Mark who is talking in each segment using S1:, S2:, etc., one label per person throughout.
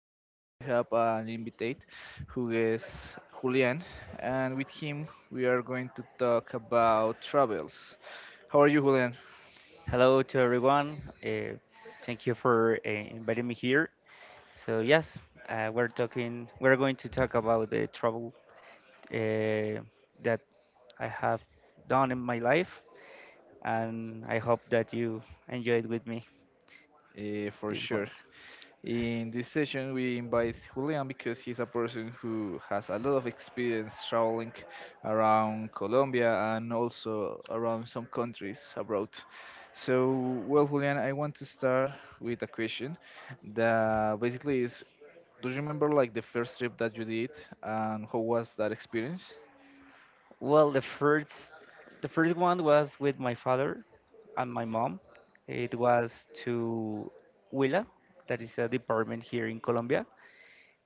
S1: session, we have an invitate who is Julian, and with him, we are going to talk about travels. How are you, Julian?
S2: Hello to everyone. Thank you for inviting me here. So yes, We're going to talk about the trouble uh, that I have done in my life, and I hope that you enjoyed with me
S1: For
S2: this one.
S1: sure. In this session, we invite Julian because he's a person who has a lot of experience traveling around Colombia and also around some countries abroad. So, well, Julian, I want to start with a question that basically is, do you remember like the first trip that you did and how was that experience?
S2: Well, the first one was with my father and my mom. It was to Huila, that is a department here in Colombia.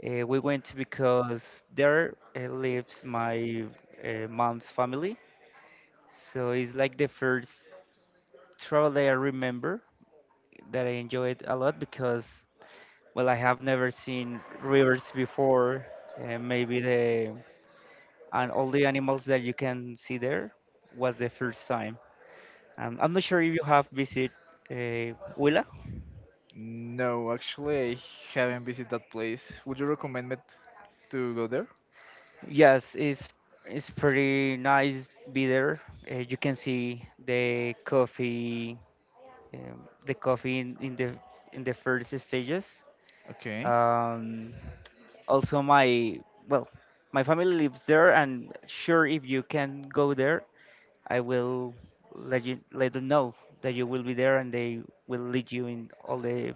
S2: We went because there lives my mom's family. So it's like the first travel that I remember that I enjoyed a lot because, well, I have never seen rivers before. Maybe the and all the animals that you can see there was the first time. I'm not sure if you have visited Huila.
S1: No, actually, I haven't visited that place. Would you recommend me to go there?
S2: Yes, it's pretty nice be there. You can see the coffee in the first stages.
S1: Okay.
S2: Um, Also, well, my family lives there, and sure, if you can go there, I will let them know that you will be there, and they will lead you in all the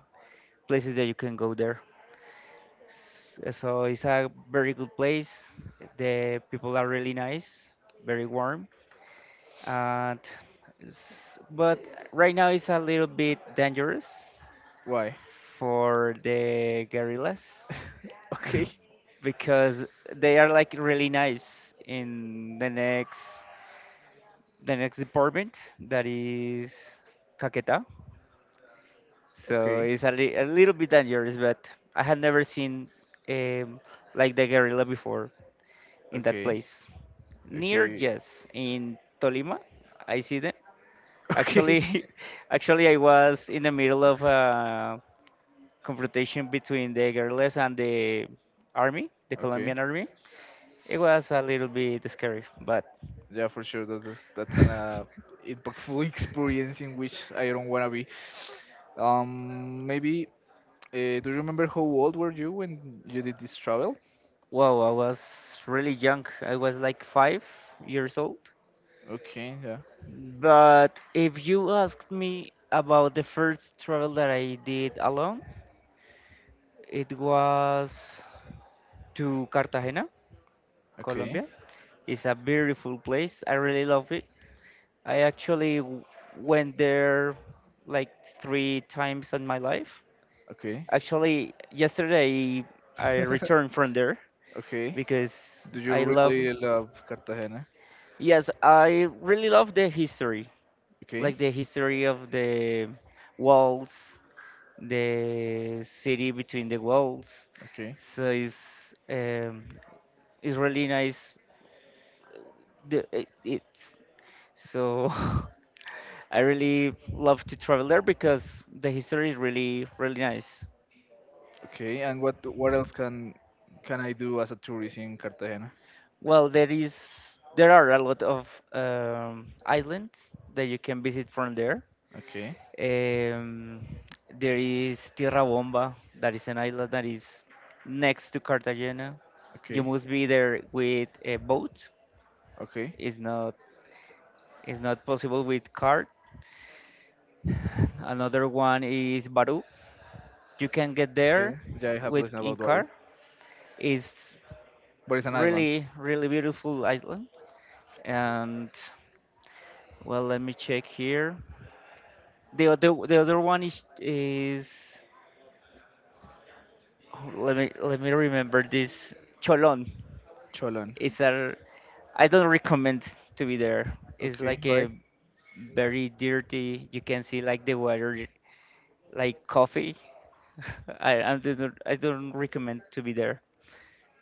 S2: places that you can go there. So it's a very good place. The people are really nice, very warm, and but right now it's a little bit dangerous
S1: Why?
S2: for the gorillas.
S1: Okay.
S2: Because they are like really nice in the next department that is Caquetá. So
S1: Okay.
S2: it's a little bit dangerous, but I had never seen um, like the guerrilla before in that
S1: Okay.
S2: place. Near,
S1: Okay.
S2: yes, in Tolima, I see them.
S1: Okay.
S2: Actually, actually, I was in the middle of a confrontation between the guerrillas and the army, the
S1: Okay.
S2: Colombian army. It was a little bit scary, but
S1: Yeah, for sure. That's an impactful experience in which I don't wanna be. Maybe. Do you remember how old were you when you did this travel?
S2: wow, I was really young. I was like 5 years old.
S1: Okay. Yeah.
S2: But if you asked me about the first travel that I did alone, it was to Cartagena,
S1: Okay.
S2: Colombia. It's a beautiful place. I really love it. I actually w- went there like three times in my life.
S1: Okay.
S2: Actually, yesterday I returned from there
S1: Okay.
S2: because
S1: Do you
S2: I love,
S1: really love Cartagena?
S2: yes, I really love the history,
S1: Okay.
S2: like the history of the walls, the city between the walls.
S1: Okay.
S2: So it's really nice. The, it, it's So I really love to travel there because the history is really really nice.
S1: Okay. And what else can I do as a tourist in Cartagena?
S2: Well, there are a lot of islands that you can visit from there.
S1: Okay.
S2: Um, there is Tierra Bomba, that is an island that is next to Cartagena. You
S1: Okay.
S2: must be there with a boat.
S1: Okay.
S2: It's not it's not possible with cart. Another one is Baru. You can get there
S1: Okay. Yeah, I have
S2: with
S1: listened
S2: in
S1: about Guadalupe,
S2: car. It's
S1: but it's an island.
S2: really, really beautiful island. And well, let me check here. The other one is oh, let me remember this. Cholon.
S1: Cholon.
S2: It's a I don't recommend to be there. It's
S1: Okay.
S2: like
S1: Right.
S2: a very dirty. You can see like the water like coffee. I don't recommend to be there.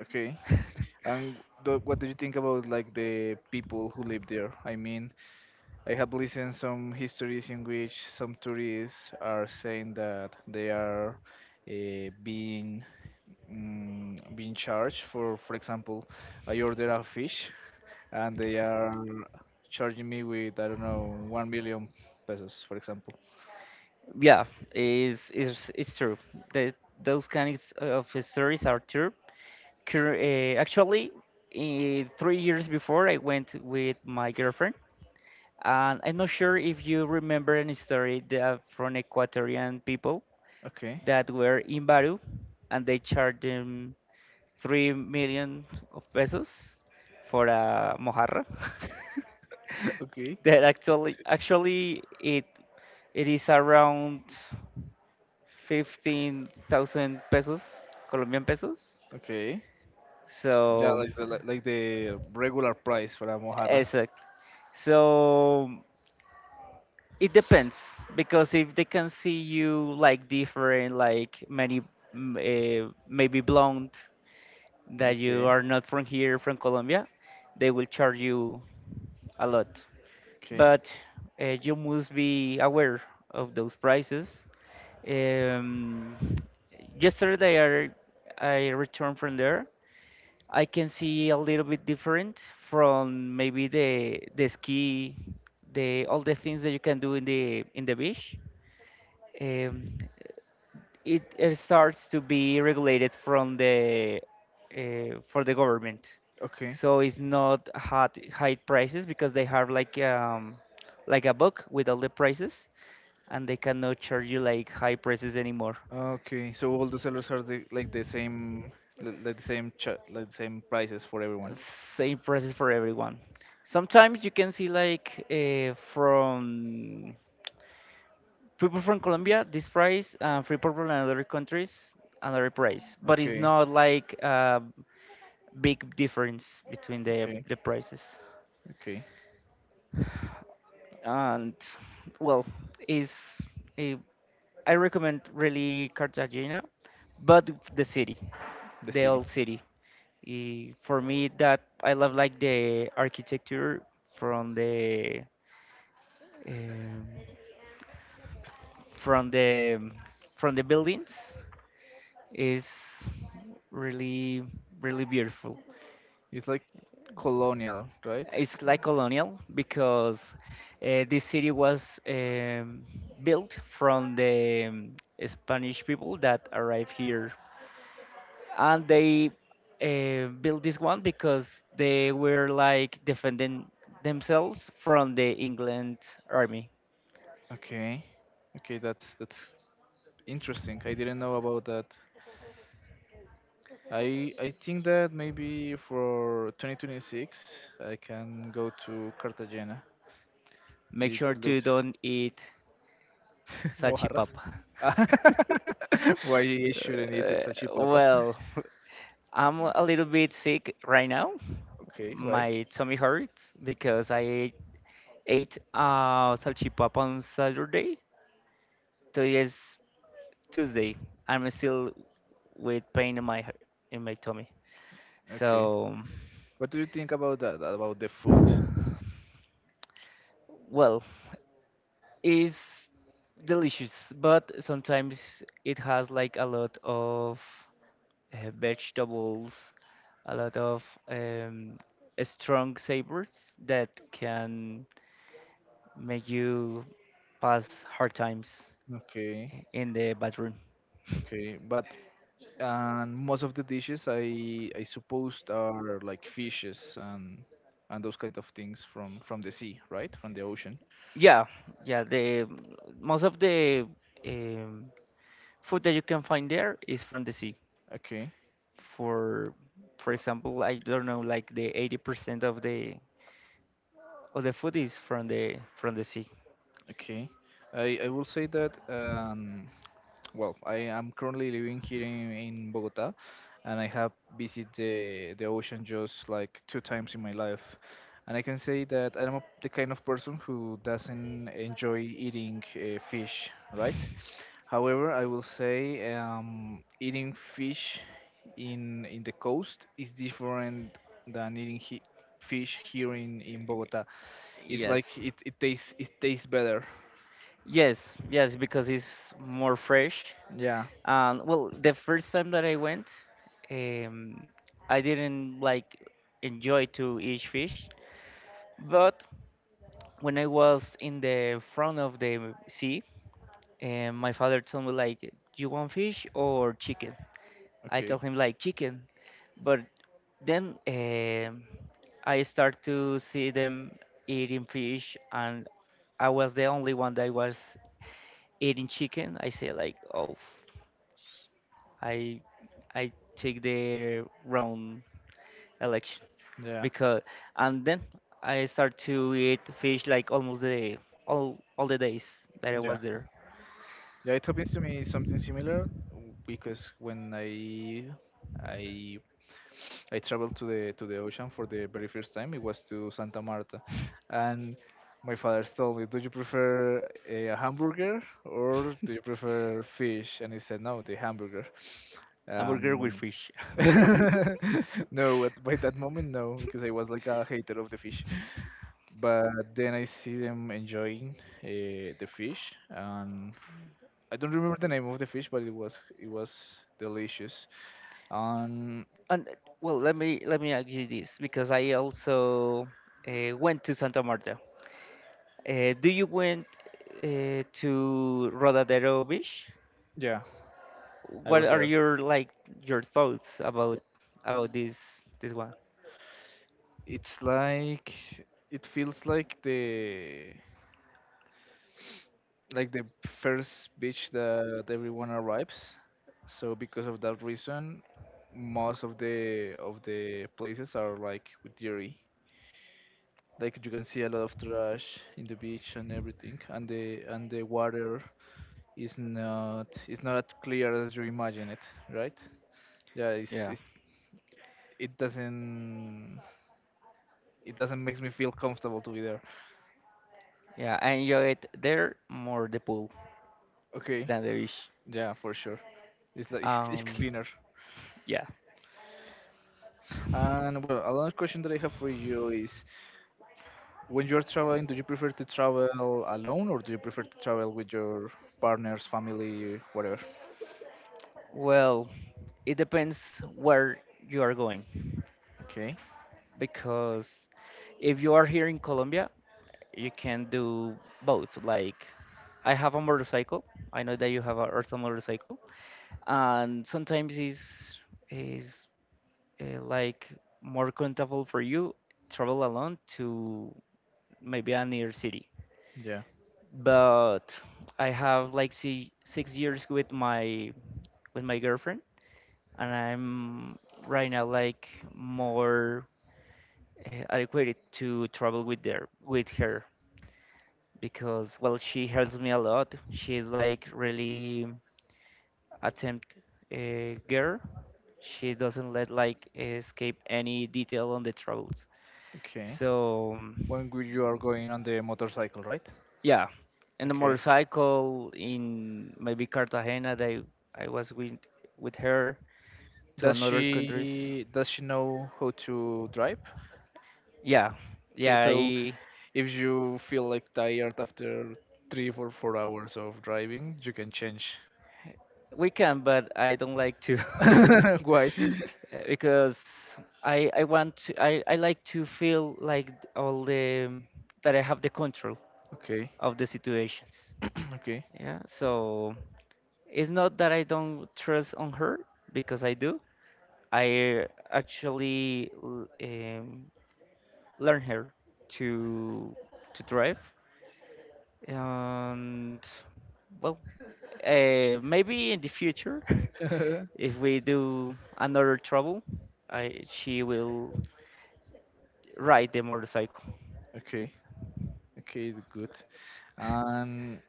S1: Okay. And what do you think about like the people who live there? I mean, I have listened some histories in which some tourists are saying that they are being being charged for example, I order a fish and they are charging me with I don't know 1 million pesos, for example.
S2: Yeah, is it's true. The, those kinds of stories are true. Actually, 3 years before, I went with my girlfriend, and I'm not sure if you remember any story that from Ecuadorian people
S1: Okay.
S2: that were in Baru, and they charged them 3 million of pesos for a mojarra.
S1: Okay.
S2: that actually, actually, it is around 15,000 pesos, Colombian pesos.
S1: Okay. Yeah,
S2: So,
S1: like the regular price for a mojarra.
S2: exact. So, it depends because if they can see you like different, like many, maybe blonde, that you
S1: Okay.
S2: are not from here, from Colombia, they will charge you a lot.
S1: Okay.
S2: But you must be aware of those prices. Um, Yesterday, I returned from there. I can see a little bit different from maybe the ski, the all the things that you can do in the beach, um, it starts to be regulated from the for the government.
S1: Okay.
S2: So it's not hot high prices because they have like a book with all the prices, and they cannot charge you like high prices anymore.
S1: Okay. So all the sellers are like the same, like the same, ch like the same prices for everyone.
S2: Same prices for everyone. Sometimes you can see like from people from Colombia this price, and free people from other countries another price, but it's
S1: Okay.
S2: not like. Big difference between the
S1: Okay.
S2: the prices.
S1: Okay.
S2: And well, is a, I recommend really Cartagena, but the city,
S1: The
S2: the
S1: city.
S2: old city. Eh, for me, that I love like the architecture from the um, from the from the buildings is really really beautiful.
S1: It's like colonial, right?
S2: It's like colonial because this city was built from the Spanish people that arrived here, and they built this one because they were like defending themselves from the England army.
S1: Okay. Okay, that's interesting. I didn't know about that. I think that maybe for 2026 I can go to Cartagena.
S2: Make
S1: It
S2: sure to
S1: looks
S2: don't eat
S1: Mojarras.
S2: salchipapa.
S1: Ah, why you shouldn't eat the
S2: Uh,
S1: salchipapa?
S2: well, I'm a little bit sick right now.
S1: Okay, why?
S2: My tummy hurts because I ate salchipapa on Saturday. Today is Tuesday. I'm still with pain in my in my tummy. So,
S1: Okay. What do you think about that? About the food?
S2: well, it's delicious, but sometimes it has like a lot of vegetables, a lot of strong savors that can make you pass hard times
S1: Okay,
S2: in the bathroom.
S1: okay. But and most of the dishes I supposed are like fishes and those kind of things from the sea, right? From the ocean.
S2: Yeah, yeah. The most of the um, food that you can find there is from the sea.
S1: Okay.
S2: For for example, I don't know, like the 80% of the food is from the sea.
S1: Okay. I will say that well, I am currently living here in Bogota, and I have visited the ocean just like two times in my life. And I can say that I'm the kind of person who doesn't enjoy eating fish, right? However, I will say eating fish in the coast is different than eating he fish here in Bogota. It's like
S2: Yes,
S1: it tastes better.
S2: yes, because it's more fresh.
S1: Yeah.
S2: Well, the first time that I went, um, I didn't like enjoy to eat fish, but when I was in the front of the sea, and my father told me like, "You want fish or chicken?" I
S1: Okay.
S2: told him like chicken, but then I start to see them eating fish, and I was the only one that was eating chicken, I say like, oh, I I take the wrong election
S1: Yeah.
S2: because and then I start to eat fish like almost the all the days that I
S1: Yeah.
S2: was there.
S1: Yeah, it happens to me something similar because when I I traveled to the ocean for the very first time, it was to Santa Marta, and my father told me, "Do you prefer a hamburger or do you prefer fish?" And he said, "No, the hamburger."
S2: A burger with
S1: Um,
S2: fish.
S1: no, by that moment, no, because I was like a hater of the fish. But then I see them enjoying the fish, and I don't remember the name of the fish, but it was delicious. Um,
S2: And well, let me ask you this because I also went to Santa Marta. Do you went to Rodadero Beach?
S1: yeah, I
S2: What
S1: was
S2: are
S1: there.
S2: your like your thoughts about about this this one?
S1: It's like it feels like the first beach that everyone arrives. So because of that reason, most of the places are like with dirty. Like you can see a lot of trash in the beach and everything, and the water is not as clear as you imagine it, right? Yeah,
S2: Yeah.
S1: it doesn't it doesn't makes me feel comfortable to be there.
S2: Yeah, I enjoy it there more the pool
S1: Okay,
S2: than the beach.
S1: yeah, for sure. It's like it's
S2: Um,
S1: cleaner.
S2: yeah.
S1: And well, another question that I have for you is: when you are traveling, do you prefer to travel alone or do you prefer to travel with your partners, family, whatever?
S2: Well, it depends where you are going
S1: Okay,
S2: because if you are here in Colombia, you can do both. Like, I have a motorcycle. I know that you have a also motorcycle, and sometimes it's is like more comfortable for you travel alone to maybe a near city.
S1: yeah,
S2: But I have like si 6 years with my girlfriend, and I'm right now like more adequate to travel with there with her because well she helps me a lot. She's like really attempt girl. She doesn't let like escape any detail on the travels.
S1: okay.
S2: So
S1: When you are going on the motorcycle, right?
S2: yeah, in the
S1: Okay.
S2: motorcycle in maybe Cartagena, they I was with her to
S1: Does
S2: another countries.
S1: she know how to drive?
S2: Yeah,
S1: Okay,
S2: yeah,
S1: so
S2: I,
S1: if you feel like tired after 3 or 4 hours of driving, you can change.
S2: we can, but I don't like to.
S1: Why?
S2: Because I like to feel like all the that I have the control
S1: Okay,
S2: of the situations.
S1: okay,
S2: Yeah, so it's not that I don't trust on her because I do. I actually learn her to to drive and well maybe in the future if we do another trouble she will ride the motorcycle.
S1: okay, okay, good. And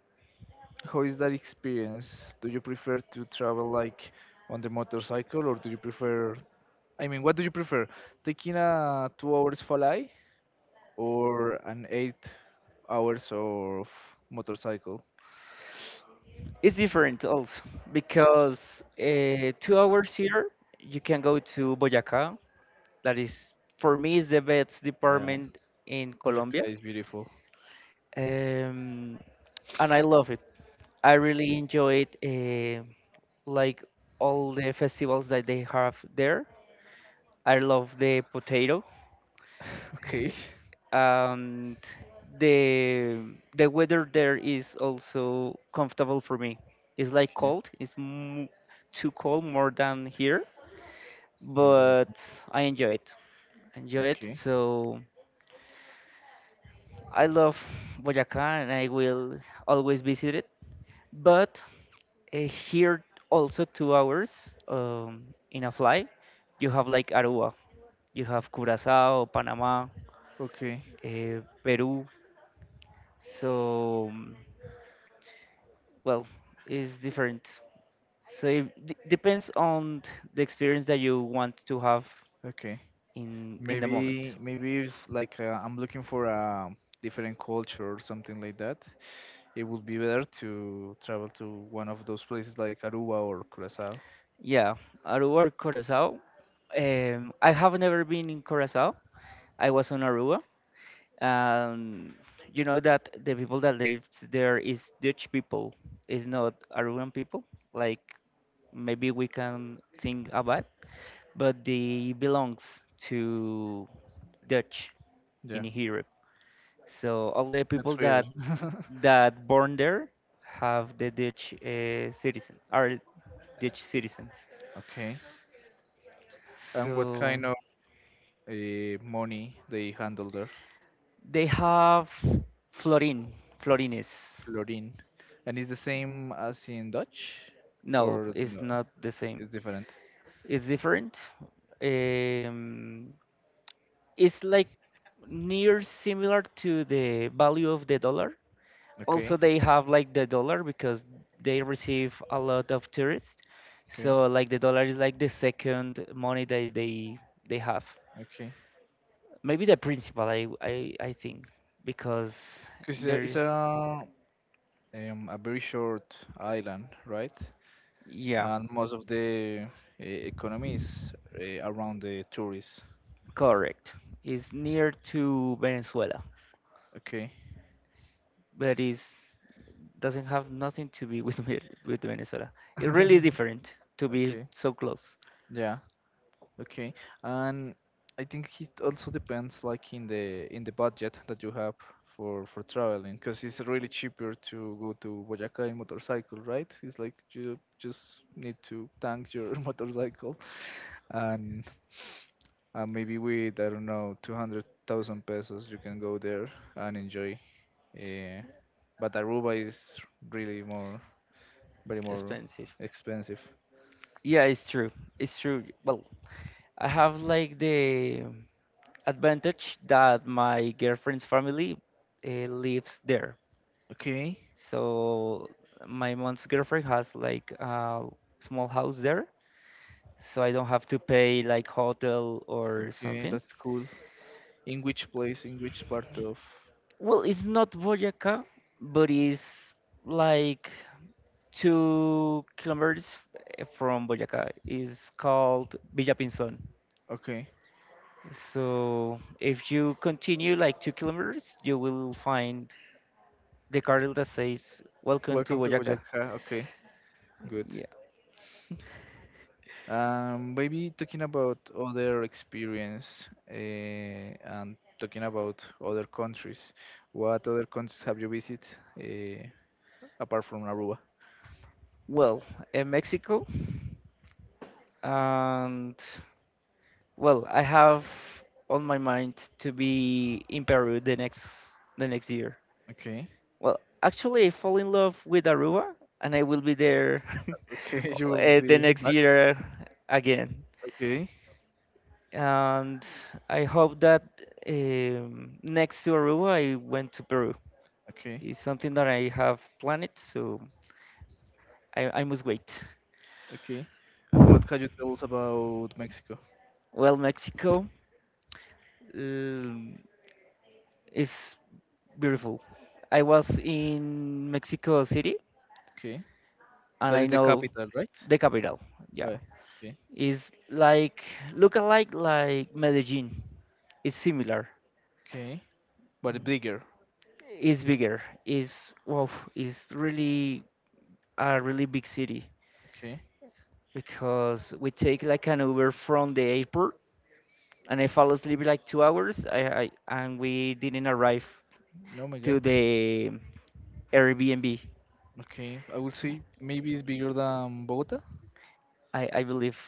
S1: how is that experience? Do you prefer to travel like on the motorcycle or do you prefer, I mean, what do you prefer? Taking a 2 hours flight or an 8 hours of motorcycle?
S2: It's different also because 2 hours here you can go to Boyacá that is for me is the best
S1: Yeah,
S2: department in
S1: Boyacá
S2: Colombia,
S1: is beautiful.
S2: um, and I love it. I really enjoyed like all the festivals that they have there. I love the potato.
S1: Okay.
S2: And the the weather there is also comfortable for me. It's like
S1: Okay,
S2: cold. It's m Too cold more than here,
S1: number button.
S2: but I enjoy it. Enjoy it.
S1: Okay.
S2: So I love Boyacá and I will always visit it. But uh, here also 2 hours in a flight, you have like Aruba. You have Curacao, Panama,
S1: Okay.
S2: Peru. So, mm, well, it's different. So it d depends on the experience that you want to have
S1: Okay.
S2: in the moment.
S1: Maybe if like I'm looking for a different culture or something like that, it would be better to travel to one of those places like Aruba or Curacao.
S2: Yeah, Aruba or Curacao. I have never been in Curacao. I was on Aruba. Um, you know that the people that live there is Dutch people, is not Aruban people. Like maybe we can think about. But they belongs to Dutch
S1: Yeah,
S2: in Europe. So all the
S1: that's
S2: people
S1: weird.
S2: that that born there have the Dutch citizen are Dutch citizens.
S1: Okay. And what
S2: So
S1: kind of money they handle there?
S2: they have Florin, Florines.
S1: Florin. And it's the same as in Dutch?
S2: No,
S1: Or
S2: it's
S1: no,
S2: not the same.
S1: it's different?
S2: It's different. Um, it's like near similar to the value of the dollar, also
S1: Okay,
S2: they have like the dollar because they receive a lot of tourists,
S1: okay,
S2: so like the dollar is like the second money that they have,
S1: okay.
S2: maybe the principal. I think, because
S1: Because it's
S2: there's,
S1: a very short island, right?
S2: yeah,
S1: And most of the economy is around the tourists.
S2: correct. It's near to Venezuela,
S1: Okay.
S2: but it's doesn't have nothing to be with with Venezuela. It really is different to be
S1: Okay.
S2: so close.
S1: Yeah. Okay, and I think it also depends, like in the budget that you have for traveling, because it's really cheaper to go to Boyacá in motorcycle, right? It's like you just need to tank your motorcycle, and maybe with I don't know 200,000 pesos you can go there and enjoy. Uh, but Aruba is really more, very more
S2: Expensive,
S1: expensive.
S2: yeah, it's true. It's true. Well, I have like the advantage that my girlfriend's family lives there.
S1: Okay.
S2: So my mom's girlfriend has like a small house there, so I don't have to pay like hotel or
S1: Okay,
S2: something.
S1: that's cool. In which place? In which part of?
S2: Well, it's not Boyacá, but it's like 2 kilometers from Boyacá. It's called Villa Pinzón.
S1: Okay.
S2: So if you continue like 2 kilometers, you will find the cartel that says "Welcome to
S1: Welcome to
S2: Boyacá."
S1: Boyacá. Okay, good.
S2: Yeah.
S1: Maybe talking about other experience and talking about other countries. What other countries have you visited uh, apart from Aruba?
S2: Well, in Mexico, and well, I have on my mind to be in Peru the next, the next year.
S1: Okay.
S2: Well, actually, I fall in love with Aruba, and I will be there
S1: Okay, you will
S2: the
S1: be
S2: next
S1: back.
S2: year again.
S1: Okay.
S2: And I hope that next to Aruba, I went to Peru.
S1: Okay.
S2: It's something that I have planned, so I must wait.
S1: Okay. And what can you tell us about Mexico?
S2: Well, Mexico, um, is beautiful. I was in Mexico City
S1: Okay.
S2: and
S1: That is
S2: I
S1: the
S2: know
S1: capital, right?
S2: the capital. Yeah.
S1: Right. Okay.
S2: It's like look alike like Medellin. It's similar.
S1: Okay. But bigger.
S2: It's bigger. It's wow, it's really a really big city,
S1: Okay.
S2: because we take like an Uber from the airport and I fall asleep like 2 hours, I and we didn't arrive
S1: Oh my
S2: to
S1: god.
S2: the Airbnb.
S1: Okay. I will see. Maybe it's bigger than Bogota.
S2: I believe,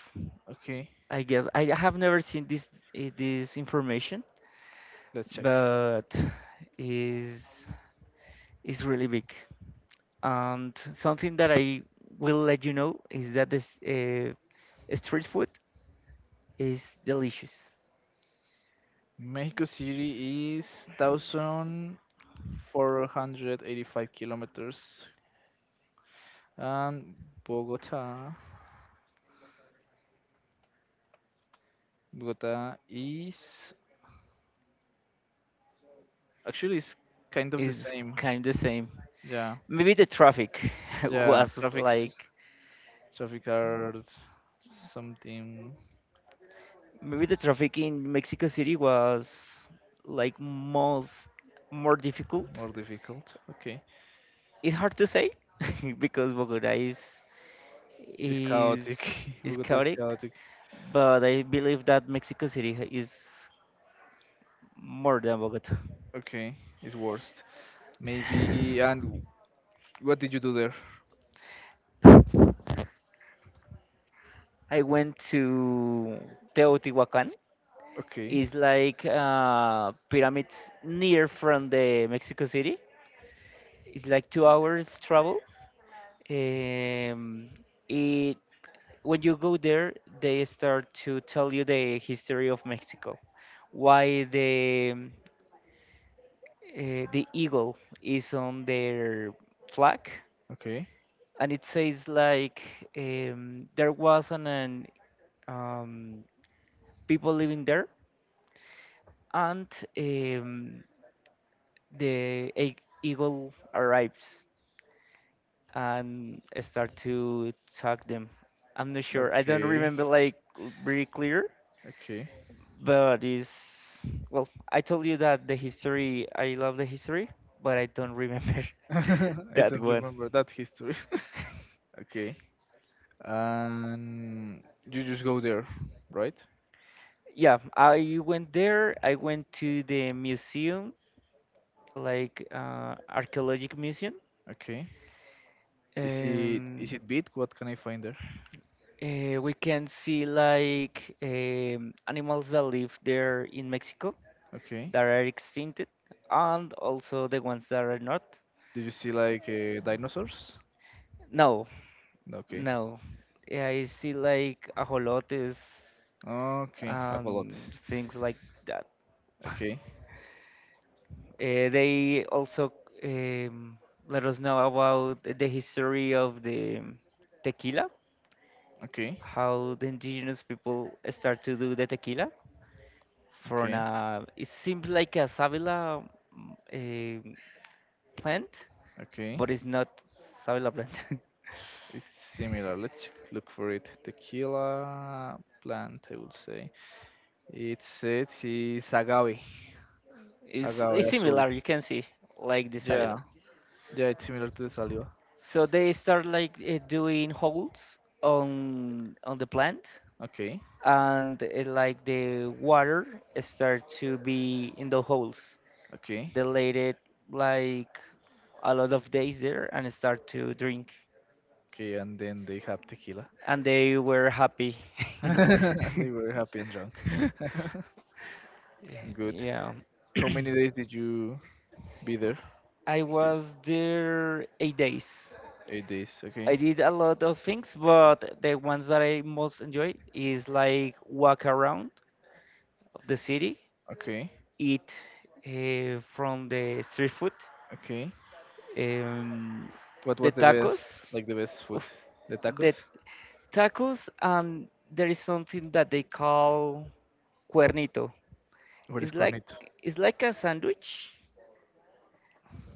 S1: Okay.
S2: I guess. I have never seen this this information,
S1: Let's check.
S2: but is is really big. And something that I will let you know is that this street food is delicious.
S1: Mexico City is 1,485 kilometers. And Bogota. Bogota is. Actually, it's kind of the
S2: Is
S1: same.
S2: kind of the same.
S1: Yeah.
S2: Maybe the traffic
S1: Yeah.
S2: was
S1: Traffic's,
S2: like,
S1: traffic are something
S2: maybe the traffic in Mexico City was like most, more difficult.
S1: more difficult. Okay.
S2: It's hard to say, because Bogota
S1: It's
S2: is
S1: chaotic.
S2: is
S1: Bogota is
S2: chaotic,
S1: chaotic.
S2: but I believe that Mexico City is more than Bogota.
S1: Okay, it's worst. Maybe. And what did you do there?
S2: I went to Teotihuacan.
S1: Okay,
S2: It's like pyramids near from the Mexico City. It's like 2 hours travel. Um, it when you go there, they start to tell you the history of Mexico, why the eagle is on their flag,
S1: okay.
S2: and it says like there was an um, people living there, and um, the eagle arrives and start to attack them. I'm not sure. I don't
S1: Okay,
S2: remember like very clear,
S1: okay.
S2: but it's well. I told you that the history. I love the history, but I don't remember
S1: I
S2: that
S1: don't
S2: one.
S1: remember that history. Okay. And you just go there, right?
S2: Yeah, I went there. I went to the museum, like archaeologic museum.
S1: Okay. Is it is
S2: Um,
S1: it big? What can I find there?
S2: we can see like animals that live there in Mexico
S1: Okay.
S2: that are extincted, and also the ones that are not.
S1: Did you see like dinosaurs?
S2: No,
S1: No, okay.
S2: no. Yeah, I see like ajolotes
S1: Okay.
S2: and
S1: Ajolotes.
S2: things like that.
S1: Okay.
S2: They also um, let us know about the history of the tequila,
S1: Okay.
S2: how the indigenous people start to do the tequila from
S1: Okay.
S2: a, it seems like a savila um plant,
S1: Okay.
S2: but it's not savila plant.
S1: It's similar. Let's look for it. Tequila plant, I would say. It says it's agave.
S2: it's,
S1: Agave
S2: it's
S1: azul.
S2: similar, you can see, like the savila.
S1: Yeah. Yeah, it's similar to the saliva.
S2: So they start like doing holes on the plant
S1: Okay.
S2: and it, like the water start to be in the holes.
S1: Okay.
S2: They laid it like a lot of days there and start to drink,
S1: Okay, and then they have tequila.
S2: and they were happy.
S1: They were happy and drunk. Good.
S2: Yeah,
S1: How many days did you be there?
S2: I
S1: Days.
S2: was there 8 days.
S1: 8 days. Okay.
S2: I did a lot of things, but the ones that I most enjoy is like walk around the city,
S1: Okay.
S2: eat from the street food.
S1: Okay.
S2: Um,
S1: What
S2: the
S1: was the
S2: tacos,
S1: best, like the best
S2: oof,
S1: food? The
S2: the
S1: tacos?
S2: tacos, and there is something that they call cuernito.
S1: What is
S2: It's like,
S1: cornito?
S2: it's like a sandwich,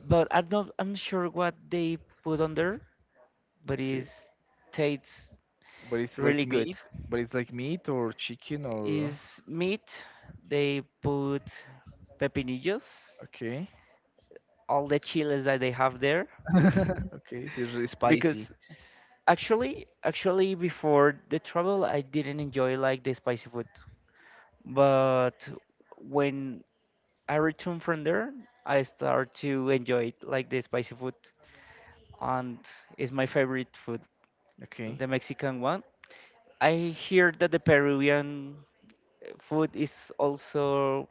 S2: but I'm not sure what they put on there, but
S1: Okay.
S2: it tastes
S1: But it's
S2: really
S1: like
S2: good.
S1: meat, but it's like meat or chicken or
S2: Is meat. They put pepinillos,
S1: okay.
S2: all the chiles that they have there,
S1: Okay, so it's really spicy.
S2: because actually, actually, before the travel, I didn't enjoy like the spicy food. But when I returned from there, I start to enjoy it, like the spicy food, and it's my favorite food,
S1: Okay.
S2: the Mexican one. I hear that the Peruvian food is also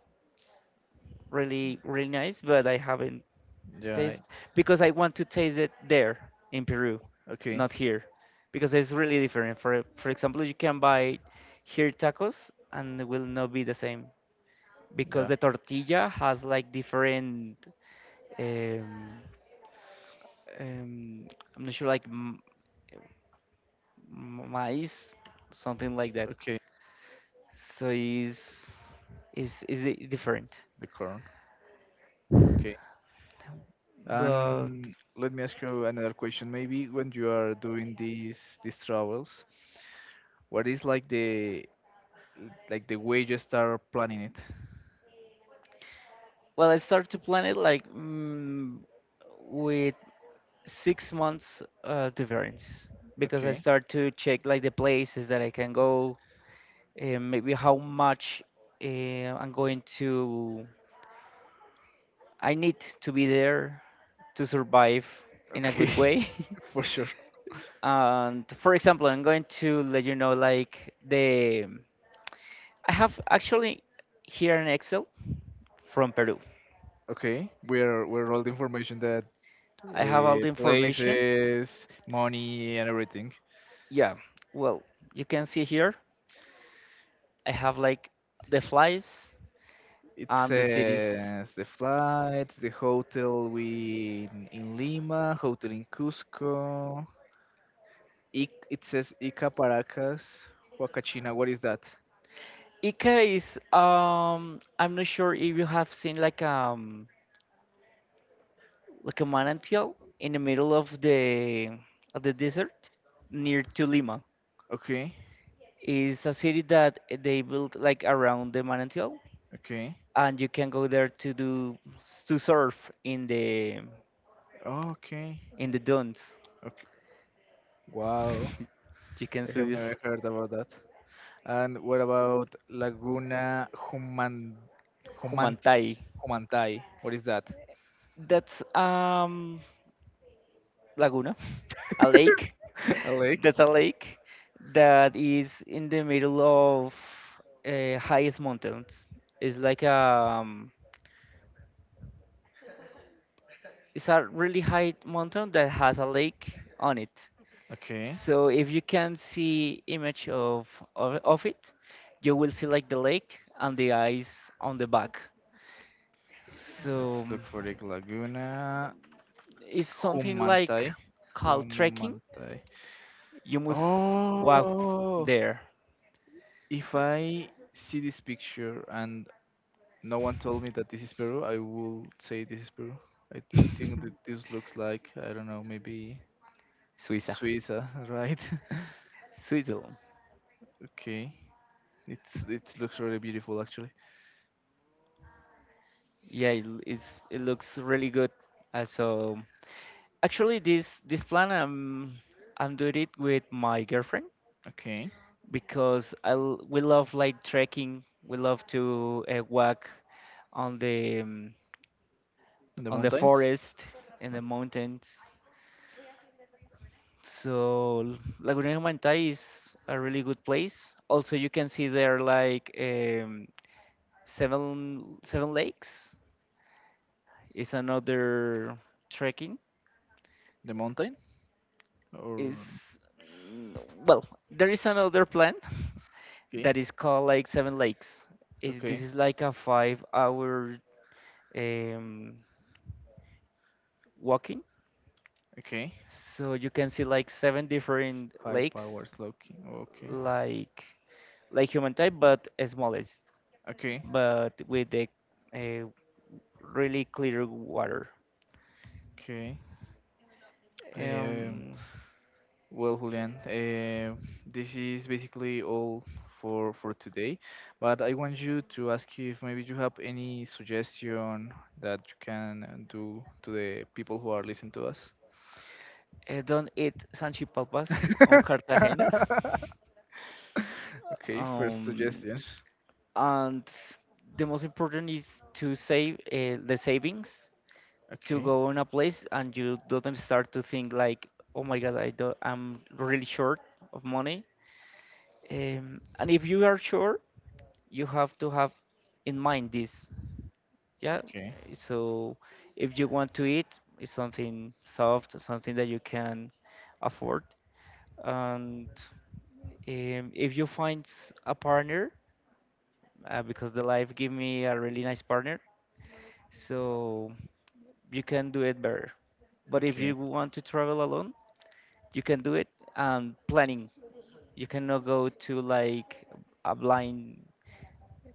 S2: really really nice, but I haven't
S1: Yeah.
S2: taste, because I want to taste it there in Peru,
S1: Okay.
S2: not here, because it's really different. For example, you can buy here tacos and it will not be the same because
S1: Yeah.
S2: the tortilla has like different. Um, um, I'm not sure, like maize, something like that.
S1: Okay.
S2: So is different.
S1: The corn. Okay.
S2: But
S1: And let me ask you another question. Maybe when you are doing these travels, what is like the way you start planning it?
S2: well, I started to plan it like with 6 months difference, because I
S1: Okay.
S2: start to check like the places that I can go and maybe how much uh, I'm going to I need to be there to survive in a good
S1: Okay.
S2: way.
S1: For sure.
S2: And for example, I'm going to let you know like the, I have actually here an Excel from Peru.
S1: Okay. We're all the information that
S2: I have all the information.
S1: places, money, and everything.
S2: Yeah, well, you can see here I have like the flies
S1: It
S2: and the cities.
S1: says the flights, the hotel we in, Lima, hotel in Cusco. Ic it says Ica Paracas, Huacachina. What is that?
S2: Ica is I'm not sure if you have seen like a manantial in the middle of the desert near to Lima.
S1: Okay,
S2: Is a city that they built like around the manantial,
S1: okay,
S2: and you can go there to do, to surf
S1: oh, okay,
S2: in the dunes.
S1: okay. Wow,
S2: You can
S1: I
S2: surf
S1: have
S2: the
S1: never heard about that. And what about Laguna Humanti
S2: Humantai.
S1: Humantai? What is that?
S2: That's Laguna, a lake.
S1: A lake?
S2: That's a lake that is in the middle of highest mountains. It's like it's a really high mountain that has a lake on it.
S1: Okay,
S2: So if you can see image of it, you will see like the lake and the ice on the back. So
S1: let's look for the Laguna.
S2: it's
S1: Like
S2: something
S1: Humantai.
S2: like
S1: like
S2: called trekking.
S1: Humantai.
S2: You must walk
S1: Oh,
S2: there.
S1: if I see this picture and no one told me that this is Peru, I will say this is Peru. I think that this looks like, I don't know, maybe
S2: Suiza,
S1: Suiza, right?
S2: Switzerland.
S1: Okay. It looks really beautiful actually.
S2: Yeah, it, it's, it looks really good. So actually, this plan I'm doing it with my girlfriend
S1: Okay.
S2: because we love like trekking. We love to walk on the um,
S1: And the
S2: on the
S1: mountains?
S2: forest and
S1: Uh,
S2: the mountains. So Laguna de Humantai is a really good place. Also, you can see there like seven lakes. It's another trekking.
S1: The mountain?
S2: Is
S1: Or
S2: mm, well there is another plan
S1: okay.
S2: that is called like seven lakes. It, this
S1: Okay.
S2: is like a 5 hour um, walking,
S1: Okay.
S2: so you can see like seven different
S1: Five
S2: lakes,
S1: hours Loki. Okay.
S2: like like human type but smallest,
S1: Okay.
S2: but with the uh, really clear water.
S1: Okay. Um,
S2: um,
S1: well, Julian, this is basically all for today, but I want you to ask you if maybe you have any suggestion that you can do to the people who are listening to us.
S2: don't eat sanchipalpas on Cartagena.
S1: Okay, first
S2: um,
S1: suggestion.
S2: and the most important is to save the savings, to
S1: Okay,
S2: go in a place and you don't start to think like, oh my god, I do I'm really short of money. And if you are sure you have to have in mind this, yeah.
S1: okay,
S2: So if you want to eat, it's something soft, something that you can afford. And if you find a partner, because the life gave me a really nice partner, so you can do it better. But if
S1: okay.
S2: you want to travel alone, you can do it. And planning, you cannot go to a blind,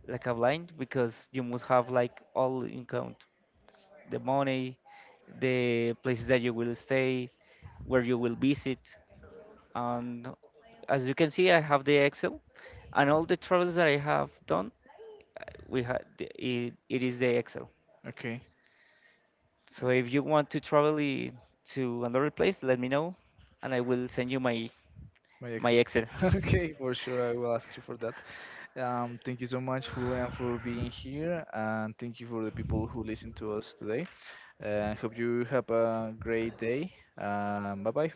S2: like a blind, because you must have like all in count, the money, the places that you will stay, where you will visit, and as you can see, I have the Excel, and all the travels that I have done, we had it, it is the Excel.
S1: Okay, uh,
S2: So if you want to travel to another place, let me know, and I will send you my
S1: my
S2: my
S1: Excel.
S2: Excel.
S1: Okay, for sure, I will ask you for that. Thank you so much, Julian, for being here, and thank you for the people who listen to us today. I hope you have a great day. Bye bye.